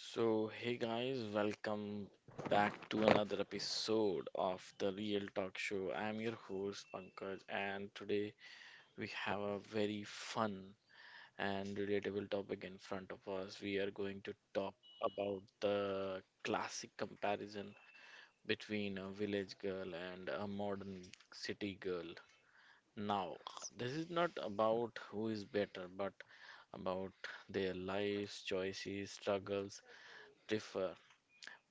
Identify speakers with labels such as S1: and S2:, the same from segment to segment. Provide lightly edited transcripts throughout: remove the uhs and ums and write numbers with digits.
S1: So, hey guys, welcome back to another episode of the Real Talk Show. I'm your host Pankaj, and today we have a very fun and relatable topic in front of us. We are going to talk about the classic comparison between a village girl and a modern city girl. Now, this is not about who is better, but about their lives, choices, struggles differ.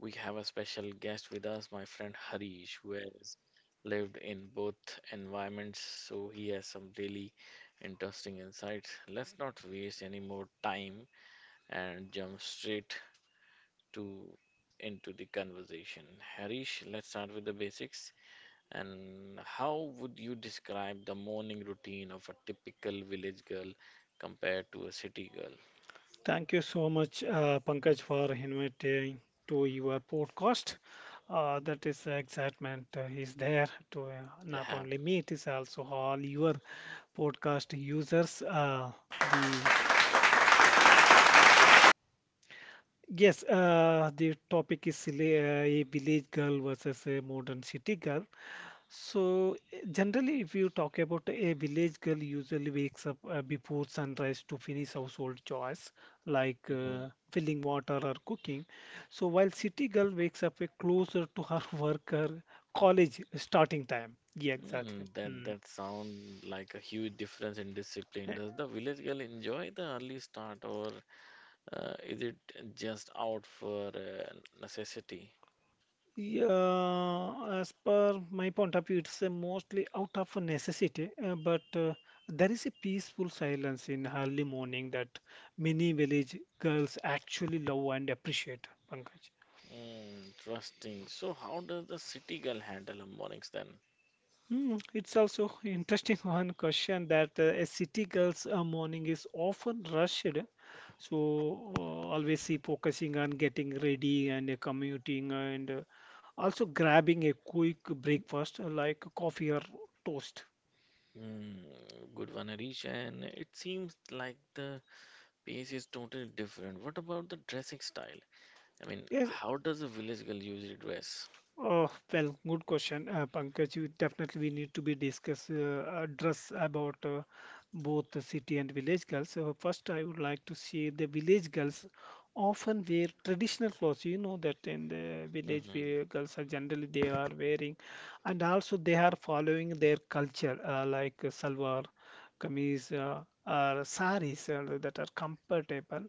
S1: We have a special guest with us, my friend Harish, who has lived in both environments, so he has some really interesting insights. Let's not waste any more time and jump straight to into the conversation. Harish, let's start with the basics. And how would you describe the morning routine of a typical village girl compared to a city girl?
S2: Thank you so much, Pankaj, for inviting to your podcast. That is excitement is there to not
S1: Yeah.
S2: only me, it is also all your podcast users. The yes, the topic is a village girl versus a modern city girl. So, generally, if you talk about a village girl, usually wakes up before sunrise to finish household chores like
S1: Mm-hmm.
S2: filling water or cooking. So, while city girl wakes up closer to her work or college starting time. Yeah, exactly.
S1: Mm, that
S2: Mm.
S1: that sound like a huge difference in discipline. Does the village girl enjoy the early start, or is it just out for necessity?
S2: Yeah, as per my point of view, it's a mostly out of a necessity, but there is a peaceful silence in early morning that many village girls actually love and appreciate, Pankaj.
S1: Mm, interesting. So, how does the city girl handle her mornings then?
S2: Hmm, it's also interesting one question that a city girl's morning is often rushed, so always see focusing on getting ready and commuting and also grabbing a quick breakfast like coffee or toast.
S1: Mm, good one, Arish. And it seems like the pace is totally different. What about the dressing style? I mean,
S2: Yes,
S1: how does a village girl usually dress?
S2: oh, well, good question, Pankaj. You definitely we need to be discuss address about both the city and village girls. So first, I would like to say the village girls often wear traditional clothes. You know that in the village,
S1: Mm-hmm.
S2: where girls are generally they are wearing, and also they are following their culture, like salwar, kameez, or saris that are comfortable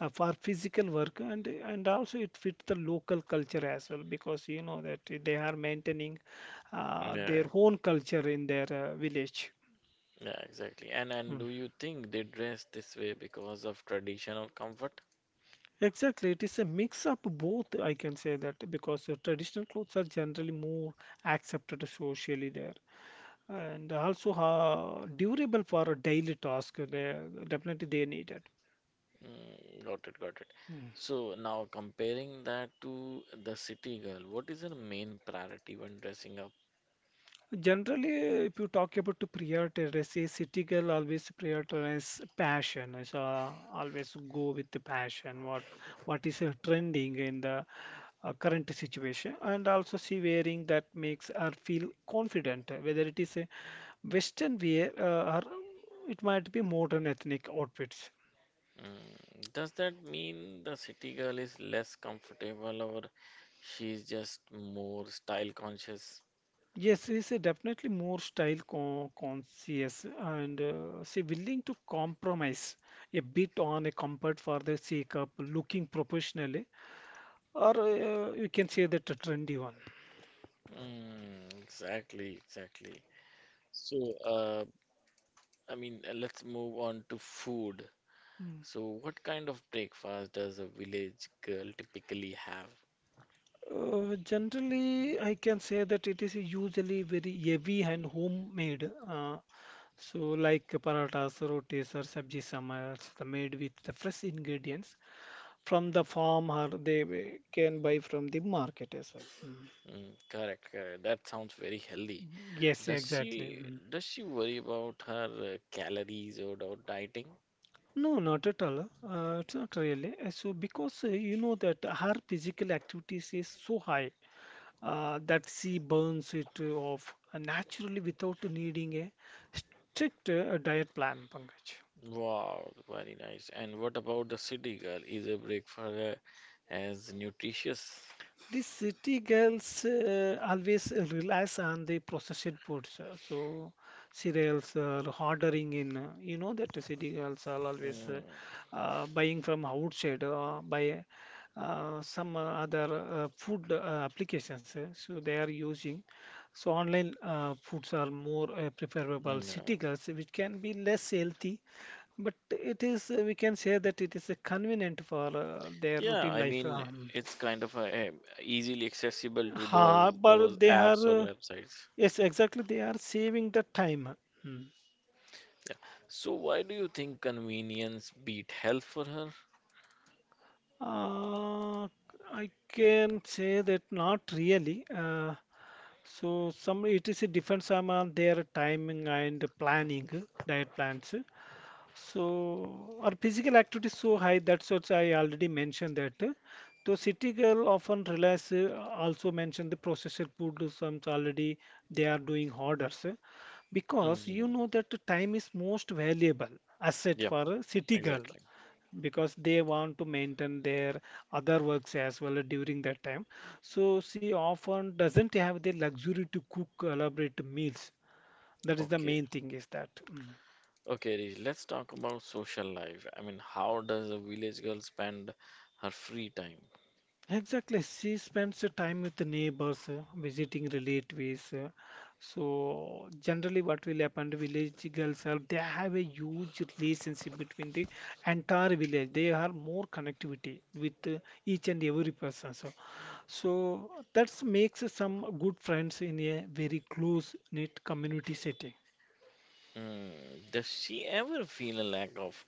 S2: for physical work and also it fits the local culture as well because you know that they are maintaining
S1: Yeah,
S2: their
S1: yeah.
S2: own culture in their village.
S1: Yeah, exactly. And
S2: Mm.
S1: do you think they dress this way because of traditional comfort?
S2: Exactly, it is a mix of both, I can say that, because the traditional clothes are generally more accepted socially there and also durable for a daily task. They definitely they need it.
S1: Mm, got it, got it. So now comparing that to the city girl, what is her main priority when dressing up?
S2: Generally, if you talk about to prioritize, a city girl always prioritize passion. So always go with the passion. What is trending in the current situation, and also she wearing that makes her feel confident. Whether it is a Western wear or it might be modern ethnic outfits.
S1: Mm, does that mean the city girl is less comfortable or she's just more style conscious?
S2: Yes, he's a definitely more style conscious and say willing to compromise a bit on a comfort for the sake of looking professionally, or you can say that a trendy one.
S1: Mm, exactly, exactly. So, I mean, let's move on to food.
S2: Mm.
S1: So, what kind of breakfast does a village girl typically have?
S2: Generally, I can say that it is usually very heavy and homemade. So, like parathas, rotis, or sabji samars, the made with the fresh ingredients from the farm, or they can buy from the market as well. Mm.
S1: Mm, correct, correct. That sounds very healthy.
S2: Yes,
S1: Does
S2: exactly.
S1: she
S2: Mm.
S1: does she worry about her calories, or dieting?
S2: No, not at all. It's not really. So, because you know that her physical activities is so high that she burns it off naturally without needing a strict diet plan, Pankaj.
S1: Wow, very nice. And what about the city girl? Is a breakfast as nutritious?
S2: The city girls always relies on the processed foods, so cereals or ordering in. You know that the city girls are always
S1: Mm,
S2: buying from outside by some other food applications. So they are using. So online foods are more preferable. City
S1: yeah.
S2: girls, which can be less healthy, but it is we can say that it is convenient for their
S1: Yeah,
S2: routine
S1: I
S2: life.
S1: mean, it's kind of easily accessible to
S2: Ha,
S1: those
S2: but
S1: those
S2: they
S1: apps or
S2: are,
S1: websites.
S2: yes, exactly, they are saving the time. Hmm.
S1: Yeah. So why do you think convenience beat health for her?
S2: Uh, I can say that not really. So some it is a difference on their timing and planning, diet plans. So our physical activity is so high, that's what I already mentioned that. So city girl often relies, also mentioned the processed food, some already they are doing orders, because you
S1: Mm,
S2: know that the time is most valuable asset
S1: yeah,
S2: for a city girl
S1: exactly.
S2: because they want to maintain their other works as well during that time, so she often doesn't have the luxury to cook elaborate meals. That is the
S1: Okay.
S2: main thing is that. Mm.
S1: Okay, Rishi, let's talk about social life. I mean, how does a village girl spend her free time?
S2: Exactly. She spends her time with the neighbors, visiting relatives. So generally what will happen, the village girls are they have a huge relationship between the entire village. They are more connectivity with each and every person. So, that makes some good friends in a very close knit community setting.
S1: Hmm, does she ever feel a lack of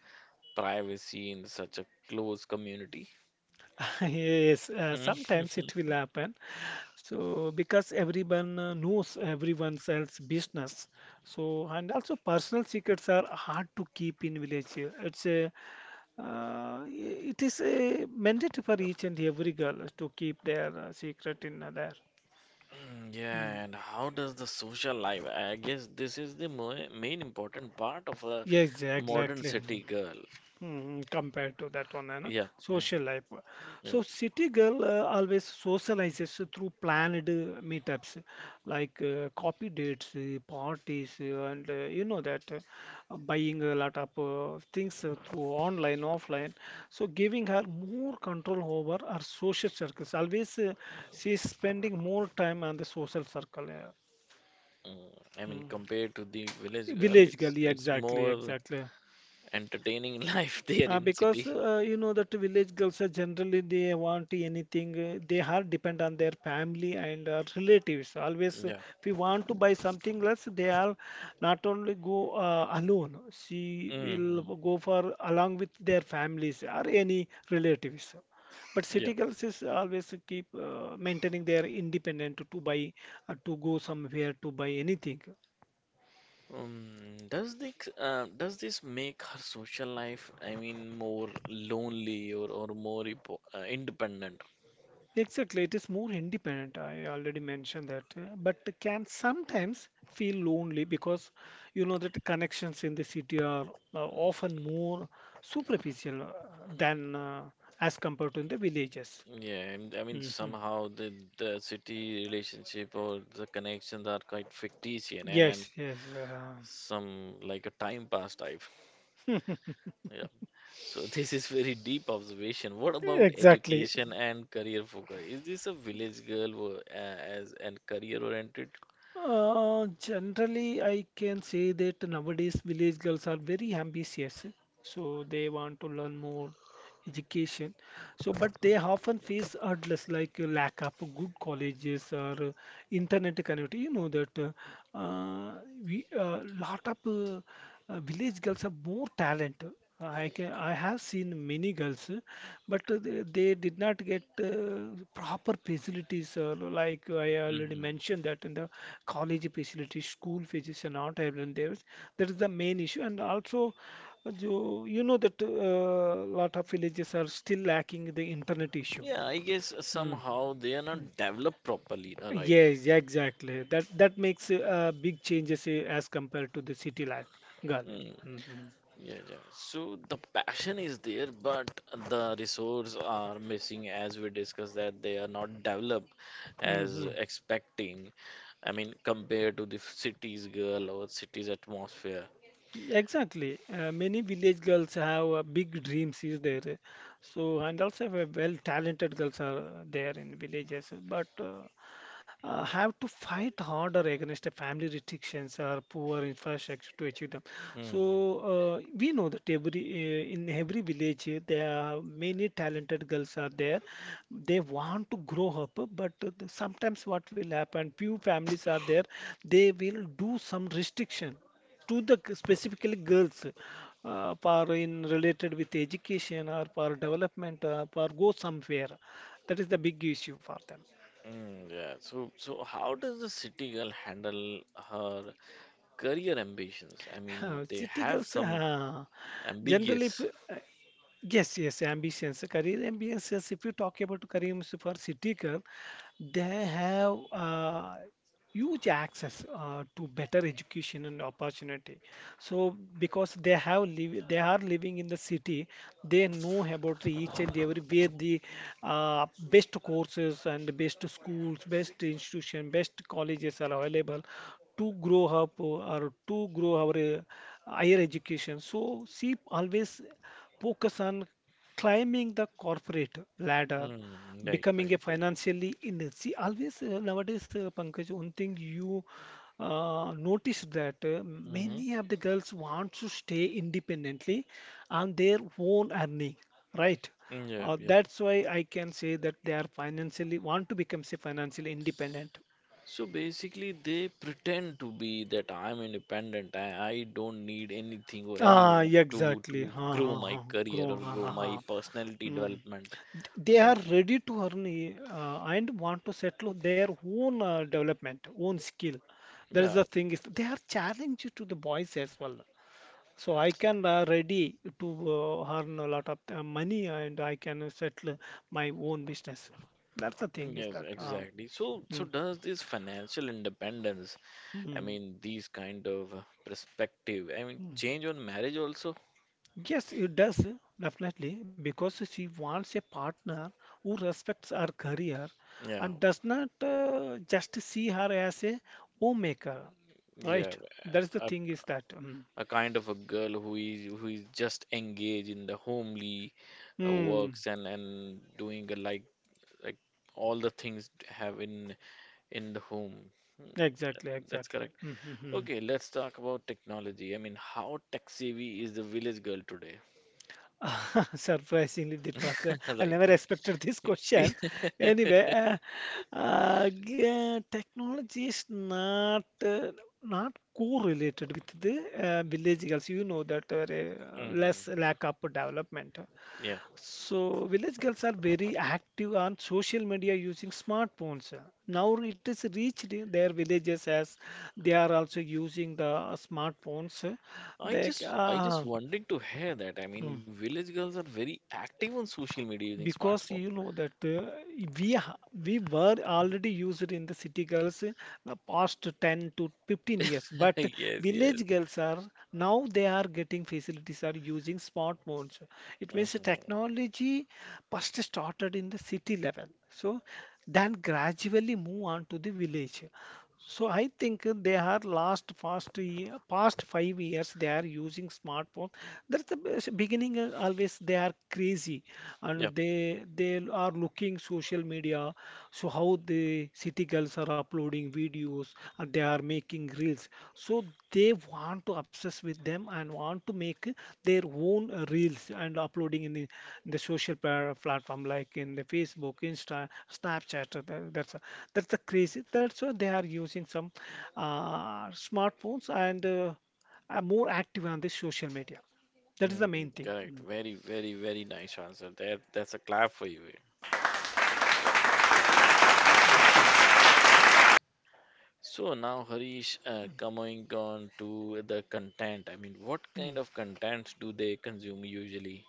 S1: privacy in such a close community?
S2: Yes,
S1: Hmm.
S2: sometimes it will happen. So because everyone knows everyone else's business, so and also personal secrets are hard to keep in village. It's a it is a mandate for each and every girl to keep their secret in there.
S1: Mm,
S2: Mm.
S1: yeah, and how does the social life? I guess this is the mo main important part of a
S2: Yeah,
S1: modern
S2: exactly.
S1: city girl.
S2: Mm, compared to that one, and
S1: Yeah, yeah,
S2: social life.
S1: yeah.
S2: So city girl always socializes through planned meetups, like coffee dates, parties, and you know that buying a lot of things through online, offline. So giving her more control over her social circles. Always she's spending more time on the social circle.
S1: Mm, I mean,
S2: Mm.
S1: compared to the village girl,
S2: Village
S1: it's
S2: girl, yeah,
S1: it's
S2: exactly,
S1: more
S2: exactly.
S1: entertaining life there in
S2: Because
S1: city.
S2: you know that village girls are generally they want anything they are depend on their family and relatives always
S1: Yeah.
S2: if you want to buy something less they are not only go alone she will
S1: Hmm.
S2: go for along with their families or any relatives, but
S1: Yeah.
S2: city girls is always keep maintaining their independent to buy to go somewhere to buy anything.
S1: Does this make her social life, I mean, more lonely, or more independent?
S2: Exactly, it is more independent. I already mentioned that, but can sometimes feel lonely because you know that the connections in the city are often more superficial than as compared to in the villages.
S1: Yeah, and I mean
S2: Hmm.
S1: somehow the city relationship or the connections are quite fictitious, and
S2: Yes, yes.
S1: some like a time pass type. Yeah. So this is very deep observation. What about
S2: Exactly.
S1: education and career focus? Is this a village girl as and career oriented?
S2: Generally, I can say that nowadays village girls are very ambitious, so they want to learn more education. So, but they often face hurdles like lack of good colleges or internet connectivity. You know that we lot of village girls have more talent. I have seen many girls, but they did not get proper facilities. Like I already
S1: Hmm.
S2: mentioned that in the college facilities, school facilities are not available there. That is the main issue. And also, you know that a lot of villages are still lacking the internet issue.
S1: Yeah, I guess
S2: Mm.
S1: somehow they are
S2: Mm.
S1: not developed properly, right?
S2: Yes, yeah, exactly. That makes big changes as compared to the city life, girl.
S1: Mm, yeah, yeah. So the passion is there, but the resources are missing as we discussed that they are not developed as
S2: Mm-hmm.
S1: expecting. I mean, compared to the city's girl or city's atmosphere.
S2: Exactly. Many village girls have big dreams is there. So and also we have well talented girls are there in villages, but have to fight harder against the family restrictions or poor infrastructure to achieve them.
S1: Mm.
S2: So we know that every in every village there are many talented girls are there. They want to grow up, but sometimes what will happen? Few families are there. They will do some restriction to the specifically girls for in related with education or for development or for go somewhere, that is the big issue for
S1: Mm, yeah. So, how does the city girl handle her career ambitions? I mean,
S2: them.
S1: they
S2: City
S1: have
S2: girls
S1: some
S2: generally
S1: ambiguous.
S2: yes, yes, ambitions, career ambitions. If you talk about career ambitions for city girl, they have huge access to better education and opportunity. So because they have live, they are living in the city, they know about each and every where the best courses and best schools, best institution, best colleges are available to grow up or to grow our higher education. So she always focus on climbing the corporate ladder,
S1: Mm, right,
S2: becoming
S1: right,
S2: a
S1: right.
S2: financially independent. See, always nowadays, Pankaj, one thing you notice that
S1: Mm-hmm.
S2: many of the girls want to stay independently on their own earning, right?
S1: Mm, yeah, yeah.
S2: That's why I can say that they are financially want to become say financially independent.
S1: So basically, they pretend to be that I'm independent. I don't need anything or
S2: Ah,
S1: anyone to
S2: exactly.
S1: to
S2: Ha
S1: grow
S2: ha
S1: my
S2: ha.
S1: career or
S2: Grow. Ha
S1: grow
S2: ha
S1: my
S2: ha.
S1: personality
S2: Hmm.
S1: development
S2: th-
S1: or
S2: they are
S1: something.
S2: ready to earn and want to settle their own development, own skill. That is
S1: Yeah.
S2: the thing is they are challenged to the boys as well. So I can ready to earn a lot of money and I can settle my own business. That's the
S1: Mm,
S2: thing is
S1: yes,
S2: that
S1: exactly. So,
S2: Mm,
S1: so does this financial independence, I
S2: mm,
S1: mean, these kind of perspective, I mean,
S2: mm.
S1: change on marriage also?
S2: Yes, it does definitely because she wants a partner who respects her career
S1: Yeah,
S2: and does not just see her as a homemaker.
S1: yeah.
S2: Right. That's the
S1: A,
S2: thing is that.
S1: a kind of a girl who is just engaged in the homely
S2: Mm,
S1: works, and doing a, like all the things have in the home. Hmm,
S2: exactly,
S1: that's
S2: exactly.
S1: correct.
S2: Mhm, mhm.
S1: Okay, let's talk about technology. I mean, how tech savvy is the village girl today?
S2: Surprisingly, that was. I
S1: Right.
S2: never expected this question. Anyway, yeah, technology is not not correlated with the village girls. You know that
S1: Hmm.
S2: less lack of development. So village girls are very active on social media using smartphones. Now it is reached in their villages as they are also using the smartphones.
S1: I
S2: They, c-
S1: just I just
S2: ah,
S1: wanted to hear that. I mean, village girls are very active on social media using
S2: because
S1: smartphone.
S2: you know that we ha- we were already used in the city girls past 10 to 15 years. But
S1: Yes, yes.
S2: village girls are now they are getting facilities are using smartphones. It means the
S1: Hmm.
S2: technology first started in the city level, so then gradually move on to the village. So I think they are last past year, past 5 years they are using smartphone. That's the beginning. Always they are crazy, and
S1: Yep.
S2: they are looking social media, so how the city girls are uploading videos and they are making reels. So they want to obsess with them and want to make their own reels and uploading in the social platform like in the Facebook, Insta, Snapchat. That's the crazy, that's why they are using some smartphones and are more active on the social media. That is the
S1: Mm,
S2: main thing.
S1: correct.
S2: Mm.
S1: Very, very, very nice answer. That's a clap for you.
S2: Thank you.
S1: So now, Harish, coming on to the content. I mean, what kind of contents do they consume usually?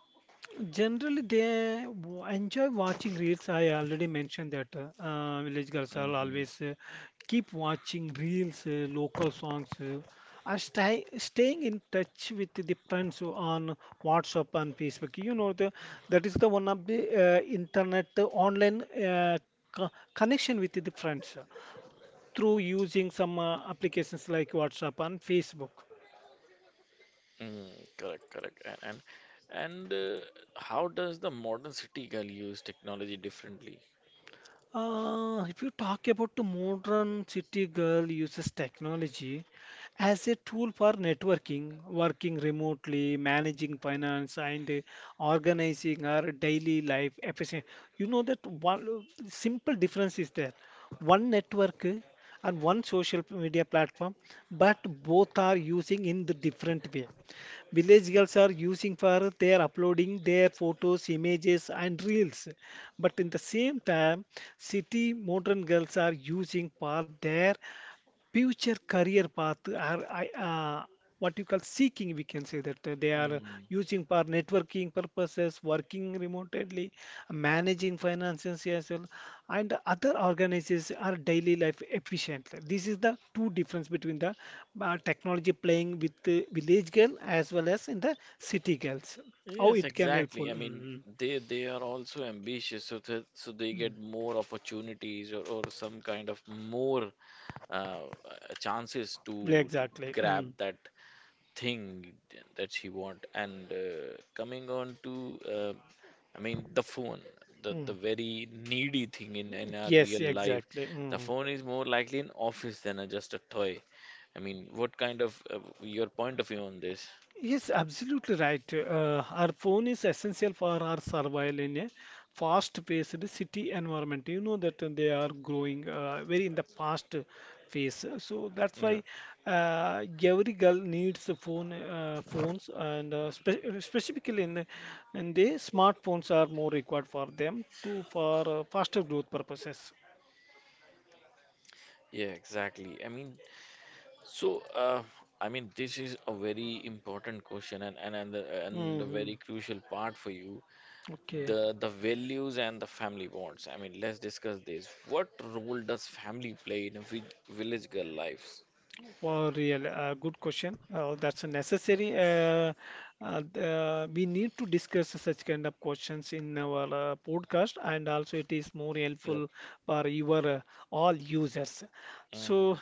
S2: Generally, they enjoy watching reels. I already mentioned that village girls are
S1: Mm-hmm.
S2: always keep watching reels, local songs, are staying in touch with the friends on WhatsApp and Facebook. You know, that is the one of the internet online connection with the friends through using some applications like WhatsApp and Facebook.
S1: Mm, correct, correct. And how does the modern city girl use technology differently?
S2: If you talk about the modern city girl uses technology as a tool for networking, working remotely, managing finance, and organizing her daily life efficiently. You know that one simple difference is there. One network and one social media platform, but both are using in the different way. Village girls are using for their uploading their photos, images and reels, but in the same time city modern girls are using for their future career path are what you call seeking, we can say that they are using for networking purposes, working remotely, managing finances as well, and other organizes our daily life efficiently. This is the two difference between the technology playing with the village girl as well as in the city girls. How
S1: Yes,
S2: it can helpful.
S1: exactly. I mean,
S2: Mm,
S1: they are also ambitious, so that so they get
S2: mm,
S1: more opportunities, or some kind of more chances
S2: mm.
S1: to
S2: Exactly.
S1: grab
S2: Mm,
S1: that thing that she want. And coming on to, I mean, the phone, the
S2: mm.
S1: very needy thing in our
S2: Yes,
S1: real life,
S2: exactly.
S1: the
S2: Mm.
S1: phone is more likely an office than just a toy. I mean, what kind of your point of view on this?
S2: Yes, absolutely right. Our phone is essential for our survival in a fast-paced city environment. You know that they are growing very in the past phase. So that's why
S1: Yeah.
S2: every girl needs a phone, phones, and specifically in in the smartphones are more required for them to for faster growth purposes.
S1: Yeah, exactly. I mean, so, I mean, this is a very important question, and a
S2: Hmm.
S1: very crucial part for you.
S2: Okay.
S1: The values and the family bonds. I mean, let's discuss this. What role does family play in a village girl lives?
S2: For real, good question. That's a necessary. We need to discuss such kind of questions in our podcast, and also it is more
S1: Yep.
S2: helpful for your all users.
S1: Mm-hmm.
S2: So,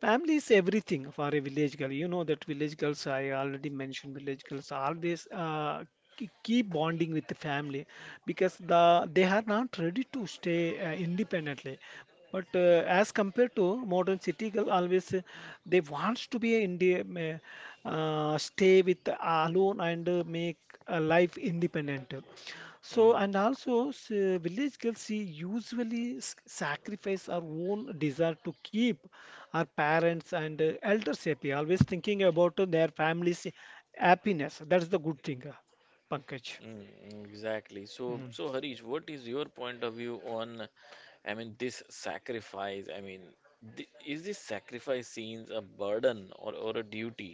S2: family is everything for a village girl. You know that village girls. I already mentioned village girls always keep bonding with the family, because they are not ready to stay independently, but as compared to modern city girl always they wants to be in the stay with alone and make a life independent. So
S1: Mm,
S2: and also village girls she usually sacrifice our own desire to keep our parents and elders happy, always thinking about their family's happiness. That's the good thing, Pankaj.
S1: exactly. So,
S2: Mm.
S1: so Harish, what is your point of view on, I mean, this sacrifice? I mean, th is this sacrifice scenes a burden, or a duty?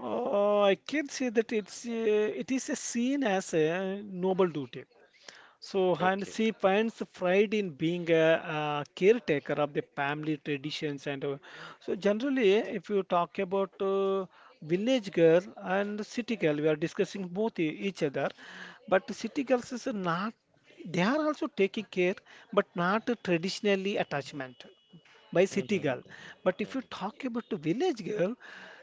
S2: I can say that it is a seen as a noble duty. So, and
S1: Okay.
S2: she finds pride in being a caretaker of the family traditions and so generally, if you talk about village girl and city girl, we are discussing both each other, but city girls is not, they are also taking care, but not traditionally attachment by city girl. But if you
S1: Mm-hmm.
S2: talk about the village girl,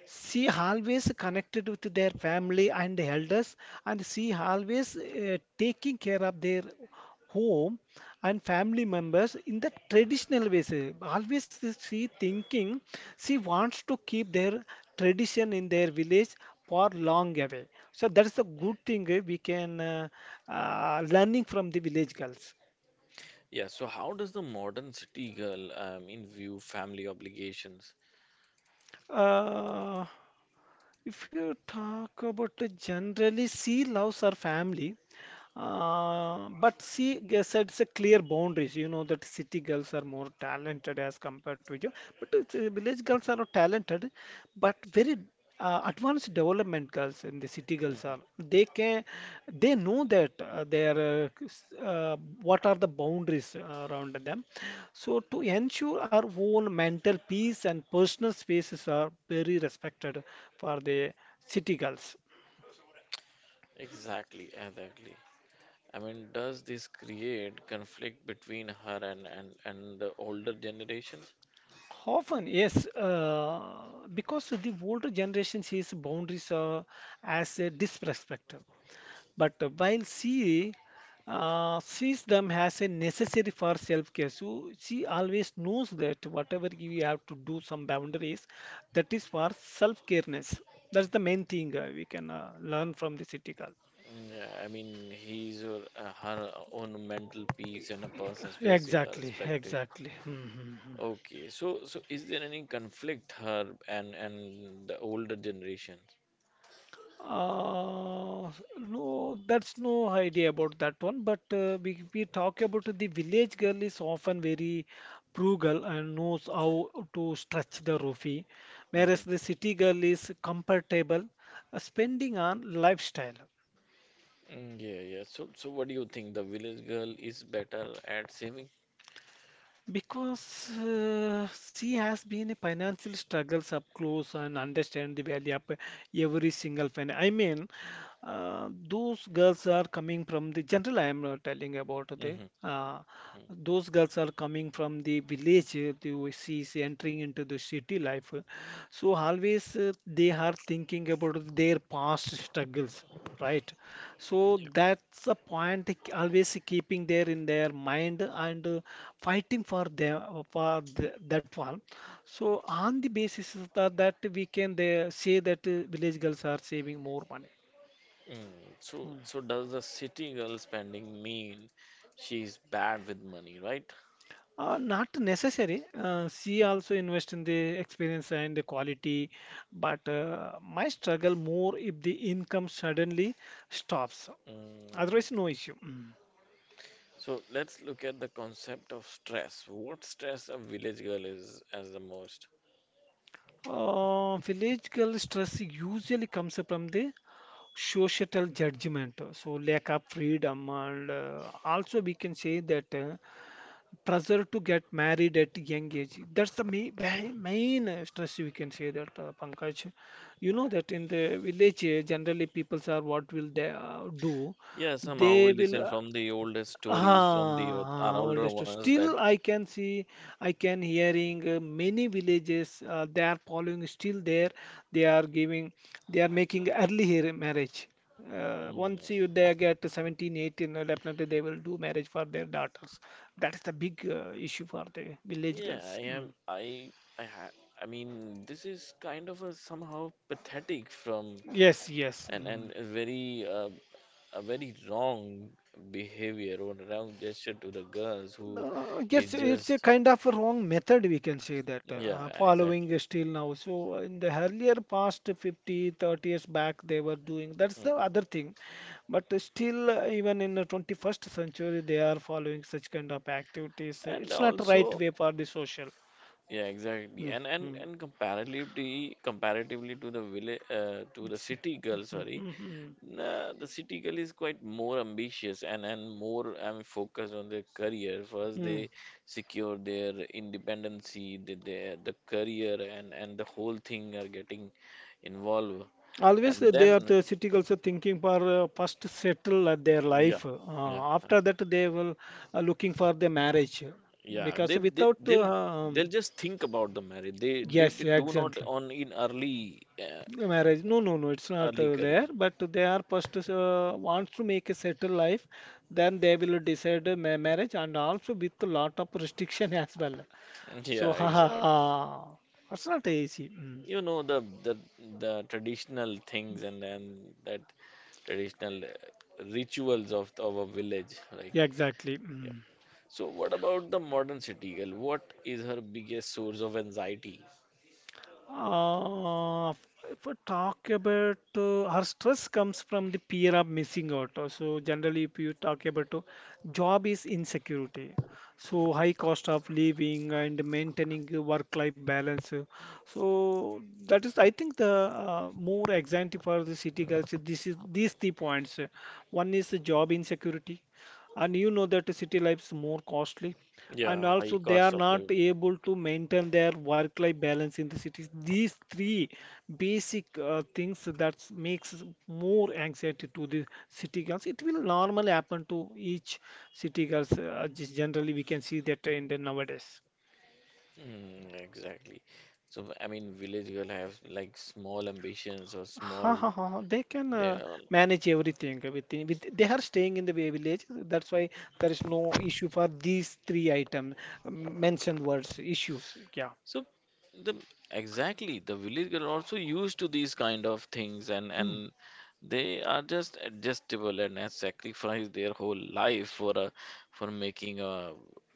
S2: she always connected with their family and the elders, and she always taking care of their home and family members in the traditional ways, always she thinking she wants to keep their tradition in their village for long away. So that's a good thing we can learning from the village girls.
S1: Yeah, so how does the modern city girl in view family obligations?
S2: uh, if you talk about generally she loves her family. But she sets a clear boundaries. You know that city girls are more talented as compared to you, but it's, village girls are not talented, but very advanced development girls and the city girls are.
S1: Hmm.
S2: They can, they know that they are what are the boundaries around them. So to ensure our own mental peace and personal spaces are very respected for the city girls.
S1: Exactly, exactly. I mean, does this create conflict between her and the older generations?
S2: Often, yes, because the older generation sees boundaries as a disrespect, but while she sees them as a necessary for self-care. So she always knows that whatever we have to do some boundaries, that is for self-careness. That's the main thing we can learn from the city girl.
S1: Mm, yeah, I mean, his or her own mental peace and a person's spaces are
S2: Exactly,
S1: respected.
S2: exactly. Mhm.
S1: Okay, so is there any conflict her and the older generation?
S2: Uh, no, that's no idea about that one. But we talk about the village girl is often very frugal and knows how to stretch the rupee, whereas the
S1: Hmm.
S2: city girl is comfortable spending on lifestyle.
S1: Mm, yeah, yeah. So what do you think? The village girl is better at saving?
S2: Because she has been a financial struggles up close and understand the value of every single fan. I mean, those girls are coming from the general. I am not telling about the.
S1: Mm-hmm. Mm.
S2: Those girls are coming from the village. The she is entering into the city life, so always they are thinking about their past struggles. Right. So
S1: Yep.
S2: that's the point they always keeping there in their mind and fighting for them for that one. So on the basis of that, that we can they say that village girls are saving more money.
S1: Mm. So,
S2: Mm.
S1: so does the city girl spending mean she's bad with money, right?
S2: Not necessary. She also invest in the experience and the quality, but my struggle more if the income suddenly stops.
S1: Mm.
S2: Otherwise, no issue. Mm.
S1: So let's look at the concept of stress. What stress a village girl is as the most?
S2: Village stress usually comes from the societal judgment, so lack of freedom, and also we can say that pressure to get married at young age. That's the main, main stress we can say that, Pankaj. You know that in the village, generally people are what will they do?
S1: Yeah, somehow
S2: They
S1: we listen
S2: will.
S1: from the oldest stories from the earth, our
S2: Ah, old
S1: older
S2: age too.
S1: ones that.
S2: Still, I can see, I can hearing many villages. They are following still there. They are giving, they are making early here marriage. Once you
S1: Mm,
S2: they get seventeen eighteen 18, definitely they will do marriage for their daughters. That is the big issue for the village
S1: yeah, I
S2: girls.
S1: am.
S2: Mm.
S1: I. Ha I mean, this is kind of a somehow pathetic from,
S2: Yes, yes.
S1: and
S2: Mm.
S1: a very wrong behavior or wrong gesture to the girls who is
S2: Yes, it's a
S1: just.
S2: kind of a wrong method, we can say that,
S1: Yeah,
S2: following is
S1: exactly.
S2: still now. So, in the earlier past 50, 30 years back, they were doing, that's the other
S1: Mhm.
S2: thing. But still, even in the 21st century, they are following such kind of activities.
S1: And
S2: It's not right
S1: also,
S2: way for the social.
S1: yeah, exactly. and and
S2: Mm-hmm.
S1: and comparatively to the village, to the city girl, sorry. Nah, the city girl is quite more ambitious, and more, I mean, focused on their career. First they secure their independency, the career, and the whole thing are getting involved,
S2: Always
S1: and
S2: they are
S1: then.
S2: the city also thinking for first settle their
S1: Yeah,
S2: life,
S1: yeah,
S2: after
S1: okay.
S2: that they will looking for the marriage,
S1: Yeah.
S2: because
S1: They
S2: without
S1: they'll they'll just think about the marriage. They they,
S2: yes
S1: they do not
S2: exactly.
S1: on in early
S2: Marriage, no, no, no, it's not
S1: early career.
S2: there, but they are first wants to make a settled life, then they will decide a marriage, and also with a lot of restriction as well.
S1: Yeah,
S2: So ha ha
S1: exact.
S2: ha, it's not easy. Mm.
S1: You know the the traditional things and then that traditional rituals of our village, right?
S2: Yeah, exactly.
S1: Yeah.
S2: Mm.
S1: So what about the modern city girl? What is her biggest source of anxiety?
S2: Uh, if we talk about her stress comes from the fear of missing out. So generally, if you talk about job is insecurity, so high cost of living and maintaining a work-life balance. So that is, I think, the more anxiety for the city girls. This is these three points. One is the job insecurity, and you know that the city life is more costly, and
S1: Yeah, high
S2: also they are
S1: cost of
S2: not
S1: living.
S2: able to maintain their work life balance in the cities. These three basic things that makes more anxiety to the city girls. It will normally happen to each city girls, just generally we can see that in the nowadays.
S1: Mm, exactly. So, I mean, village girl have like small ambitions or
S2: Ha
S1: small.
S2: ha ha! Ha. They can
S1: They all.
S2: manage everything within. With they are staying in the village. That's why there is no issue for these three items mentioned words issues. Yeah.
S1: So, the exactly the village girl also used to these kind of things, and
S2: Hmm.
S1: and they are just adjustable and have sacrificed their whole life for a, for making a,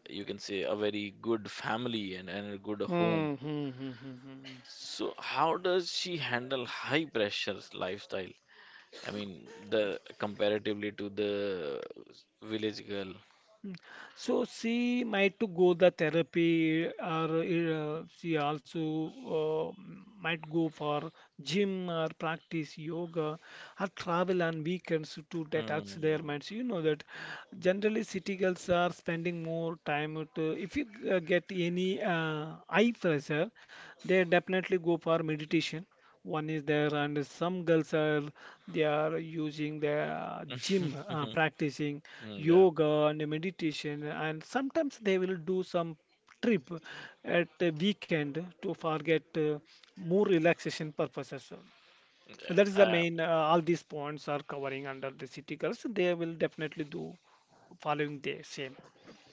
S1: you can say, a very good family and a good home.
S2: Hmm. Hmm. Hmm. Hmm. Hmm.
S1: So, how does she handle high pressures lifestyle? I mean, the comparatively to the village girl.
S2: So she might to go the therapy or she also uh, might go for gym or practice yoga, or travel on weekends to detox their
S1: Hmm.
S2: minds. You know that generally city girls are spending more time with, if you get any eye pressure, they definitely go for meditation, one is there, and some girls are they are using their gym practicing
S1: Mm, yeah.
S2: yoga and meditation, and sometimes they will do some trip at the weekend to forget more relaxation purposes. That is the
S1: Uh,
S2: main all these points are covering under the city girls. They will definitely do following the same.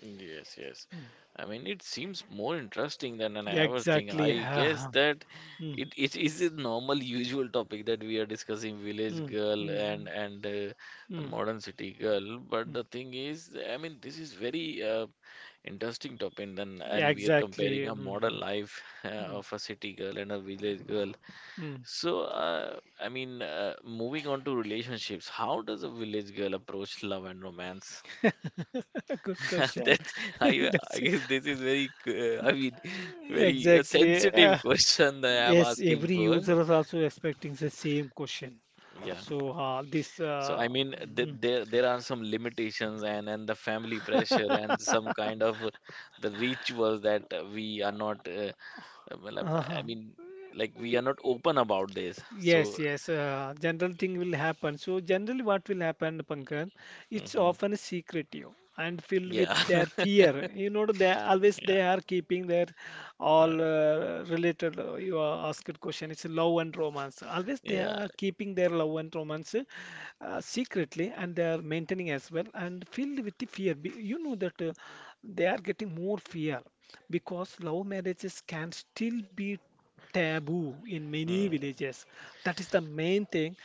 S1: yes, yes.
S2: Mm.
S1: I mean, it seems more interesting than an
S2: Yeah,
S1: ever thing.
S2: exactly.
S1: I guess that
S2: Mm,
S1: it is a normal, usual topic that we are discussing village
S2: mm,
S1: girl,
S2: mm, mm,
S1: and the
S2: mm,
S1: modern city girl. But
S2: mm.
S1: the thing is, I mean, this is very interesting topic, and
S2: Yeah,
S1: and we are
S2: exactly.
S1: comparing a modern
S2: Mm,
S1: life
S2: mm,
S1: of a city girl and a village girl.
S2: mm.
S1: So, I mean, moving on to relationships, how does a village girl approach love and romance?
S2: Good question.
S1: That's, I
S2: That's
S1: guess this is very, I mean, very
S2: exactly. uh,
S1: sensitive question that I'm
S2: yes,
S1: asking
S2: every
S1: for.
S2: user is also expecting the same question.
S1: Yeah.
S2: So this
S1: So, I mean, th
S2: Mhm.
S1: there are some limitations, and the family pressure and some kind of the rituals that we are not, well, I
S2: Uh-huh.
S1: mean, like we are not open about this. So,
S2: Yes, general thing will happen. So generally what will happen, Pankaj, it's
S1: mhm,
S2: often secretive and filled with
S1: yeah,
S2: their fear. You know,
S1: yeah.
S2: they are keeping their
S1: Uh,
S2: you are asked question, it's love and romance. Always they
S1: yeah.
S2: are keeping their love and romance secretly, and they are maintaining as well and filled with the fear. You know that they are getting more fear because love marriages can still be taboo in many
S1: Mm,
S2: villages. That is the main thing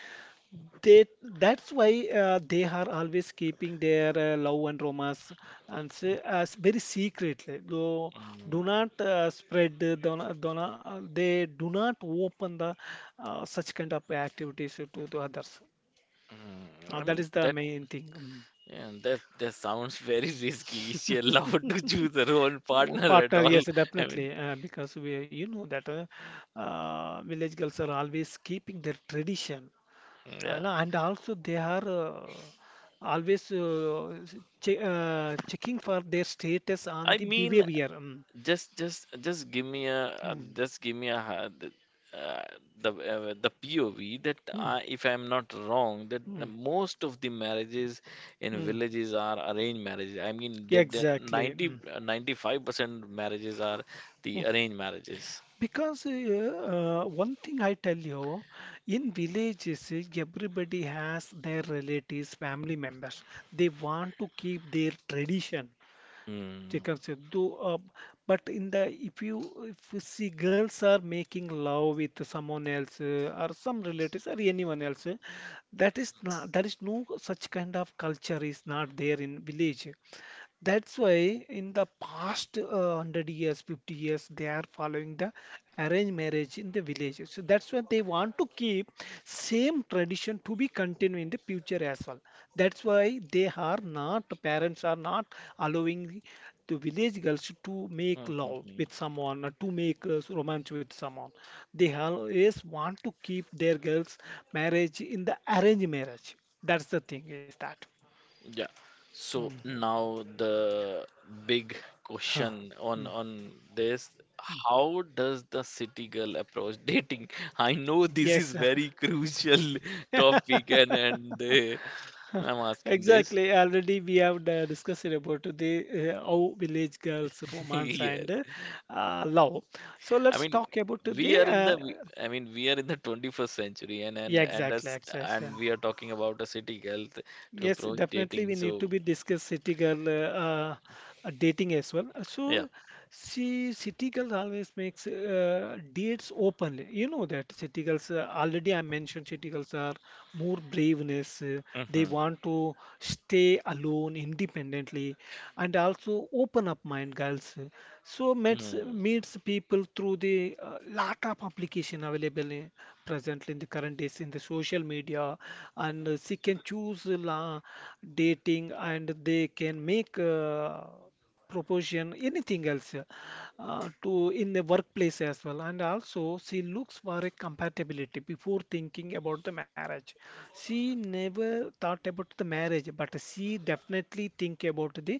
S2: they that's why they are always keeping their love and romance and say, as very secretly do, do
S1: mm,
S2: not spread the- do not, they do not open the such kind of activities to others.
S1: mm. I
S2: That
S1: mean
S2: is the
S1: that,
S2: main thing. Mm.
S1: yeah, that sounds very risky. Is she allowed to choose her own
S2: Oh,
S1: partner at
S2: partner,
S1: all?
S2: yes,
S1: I mean,
S2: definitely, because we, you know that village girls are always keeping their tradition, you
S1: yeah.
S2: know, and also they are always checking for their status on
S1: I
S2: the
S1: mean,
S2: behavior. Mm.
S1: just give me
S2: Mm.
S1: uh, the POV that,
S2: Mm.
S1: if I'm not wrong, that the
S2: Mm.
S1: most of the marriages in
S2: Mm.
S1: villages are arranged marriages. I mean, that the
S2: Exactly.
S1: 90,
S2: Mm.
S1: 95% marriages are the
S2: Mm.
S1: arranged marriages.
S2: Because one thing I tell you, in villages, everybody has their relatives, family members. They want to keep their tradition.
S1: Mm.
S2: Chicken soup. Do But in the if you see girls are making love with someone else or some relatives or anyone else, that is not, that is no such kind of culture is not there in village. That's why in the past 100 years, 50 years, they are following the arranged marriage in the villages. So that's why they want to keep same tradition to be continued in the future as well. That's why they are not, parents are not allowing the village girls to make love
S1: Hmm.
S2: with someone or to make romance with someone. They always want to keep their girls' marriage in the arranged marriage. That's the thing is that.
S1: Yeah. So
S2: Mm.
S1: now the big
S2: Huh.
S1: question on
S2: Mm.
S1: on this, how does the city girl approach dating? I know this
S2: Yes,
S1: is
S2: uh,
S1: very crucial topic, and I'm asking this.
S2: Exactly. Already we have discussed about the how village girls romance
S1: Yes.
S2: and love. So
S1: I
S2: let's
S1: mean,
S2: talk about
S1: we
S2: the
S1: are in the we- I mean, we are in the 21st century, and
S2: yeah,
S1: and and
S2: exactly,
S1: us
S2: exactly.
S1: and we are talking about a city girl to
S2: Yes,
S1: approach
S2: definitely
S1: dating.
S2: we
S1: So
S2: need to be discuss city girl uh, dating as well.
S1: yeah.
S2: So she city girls always makes dates openly. You know that city girls already I mentioned, city girls are more braveness. They
S1: Mm-hmm.
S2: want to stay alone independently and also open up mind girls. So meets
S1: Mm-hmm.
S2: people through the lot of application available in, presently in the current days in the social media, and she can choose la dating, and they can make proposition anything else to in the workplace as well, and also she looks for a compatibility before thinking about the marriage. She never thought about the marriage, but she definitely think about the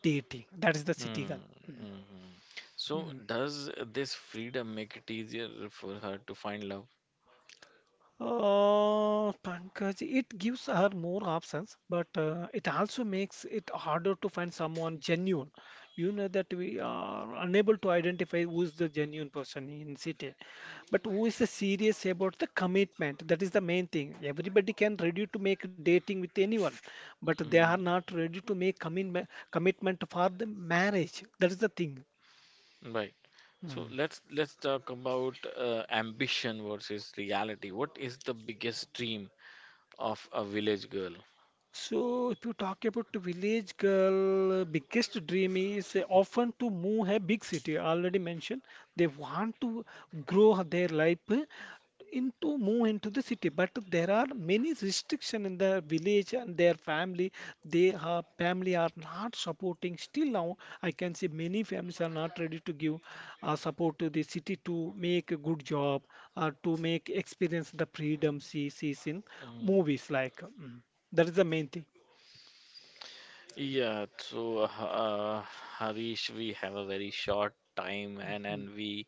S2: dating. That is the city
S1: Mm,
S2: girl.
S1: mhm. So,
S2: Hmm.
S1: does this freedom make it easier for her to find love?
S2: Pankaj, it gives her more options, but it also makes it harder to find someone genuine. You know that we are unable to identify who is the genuine person in city, but who is the serious about the commitment. That is the main thing. Everybody can ready to make dating with anyone, but they are
S1: Hmm.
S2: not ready to make commitment. Commitment for the marriage. That is the thing.
S1: Right.
S2: Hmm.
S1: So let's talk about ambition versus reality. What is the biggest dream of a village girl?
S2: So, if you talk about village girl, biggest dream is often to move a big city. I already mentioned, they want to grow their life into move into the city, but there are many restriction in the village and their family. They are family are not supporting. Still now, I can see many families are not ready to give support to the city to make a good job or to make experience the freedom she sees in
S1: Mm.
S2: movies like. Mm. That is the main thing.
S1: Yeah, so Harish, we have a very short time, and
S2: Mm.
S1: and we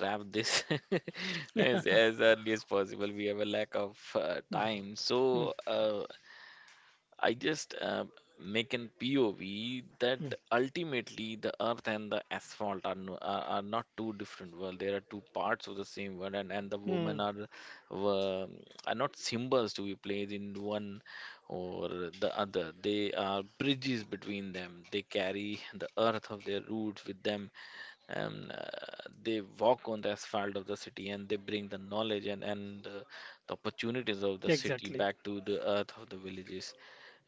S1: wrap this as as early as possible. We have a lack of
S2: Mm,
S1: time.
S2: mm,
S1: So I just make an POV that
S2: mm,
S1: ultimately the earth and the asphalt are, are not two different world. There are two parts of the same world, and the women
S2: mm.
S1: were- are not symbols to be played in one or the other. They are bridges between them. They carry the earth of their roots with them. Um, uh, they walk on the asphalt of the city, and they bring the knowledge and
S2: Exactly.
S1: the opportunities of the city back to the earth of the villages.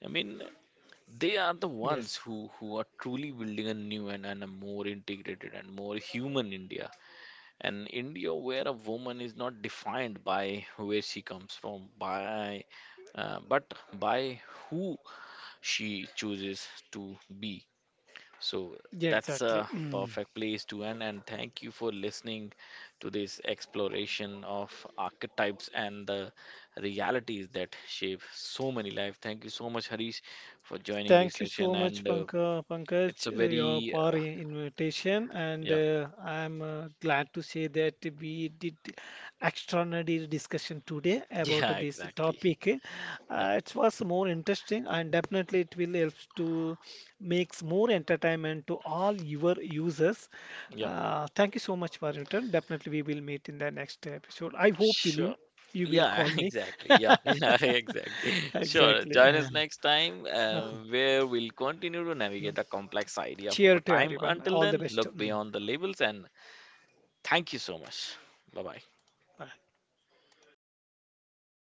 S1: I mean,
S2: Yes.
S1: they are the ones who are truly building a new, and a more integrated and more human India. An India where a woman is not defined by where she comes from, by but by who she chooses to be. So
S2: Yeah,
S1: that's
S2: exactly.
S1: a
S2: Mm.
S1: perfect place to end, and thank you for listening to this exploration of archetypes and the realities that shape so many lives. Thank you so much, Harish, for joining this
S2: Thank you so
S1: session.
S2: much,
S1: And it's
S2: Pankaj,
S1: a
S2: your
S1: very,
S2: for invitation, and
S1: yeah,
S2: I'm glad to say that we did extraordinary discussion today about
S1: yeah,
S2: this
S1: exactly.
S2: topic.
S1: Yeah,
S2: It was more interesting, and definitely it will help to makes more entertainment to all your users.
S1: yeah.
S2: Thank you so much for your time. Definitely, we will meet in the next episode. I hope will
S1: Sure.
S2: you you will
S1: Yeah,
S2: call me.
S1: exactly. Yeah, yeah, exactly. Sure.
S2: Exactly.
S1: Join us next time,
S2: Uh,
S1: where we'll continue to navigate
S2: mm.
S1: the complex idea of our
S2: Cheer to
S1: time.
S2: everyone.
S1: Until
S2: All the
S1: then,
S2: best.
S1: look
S2: Mm.
S1: beyond the labels and thank you so much. Bye bye.
S2: Bye.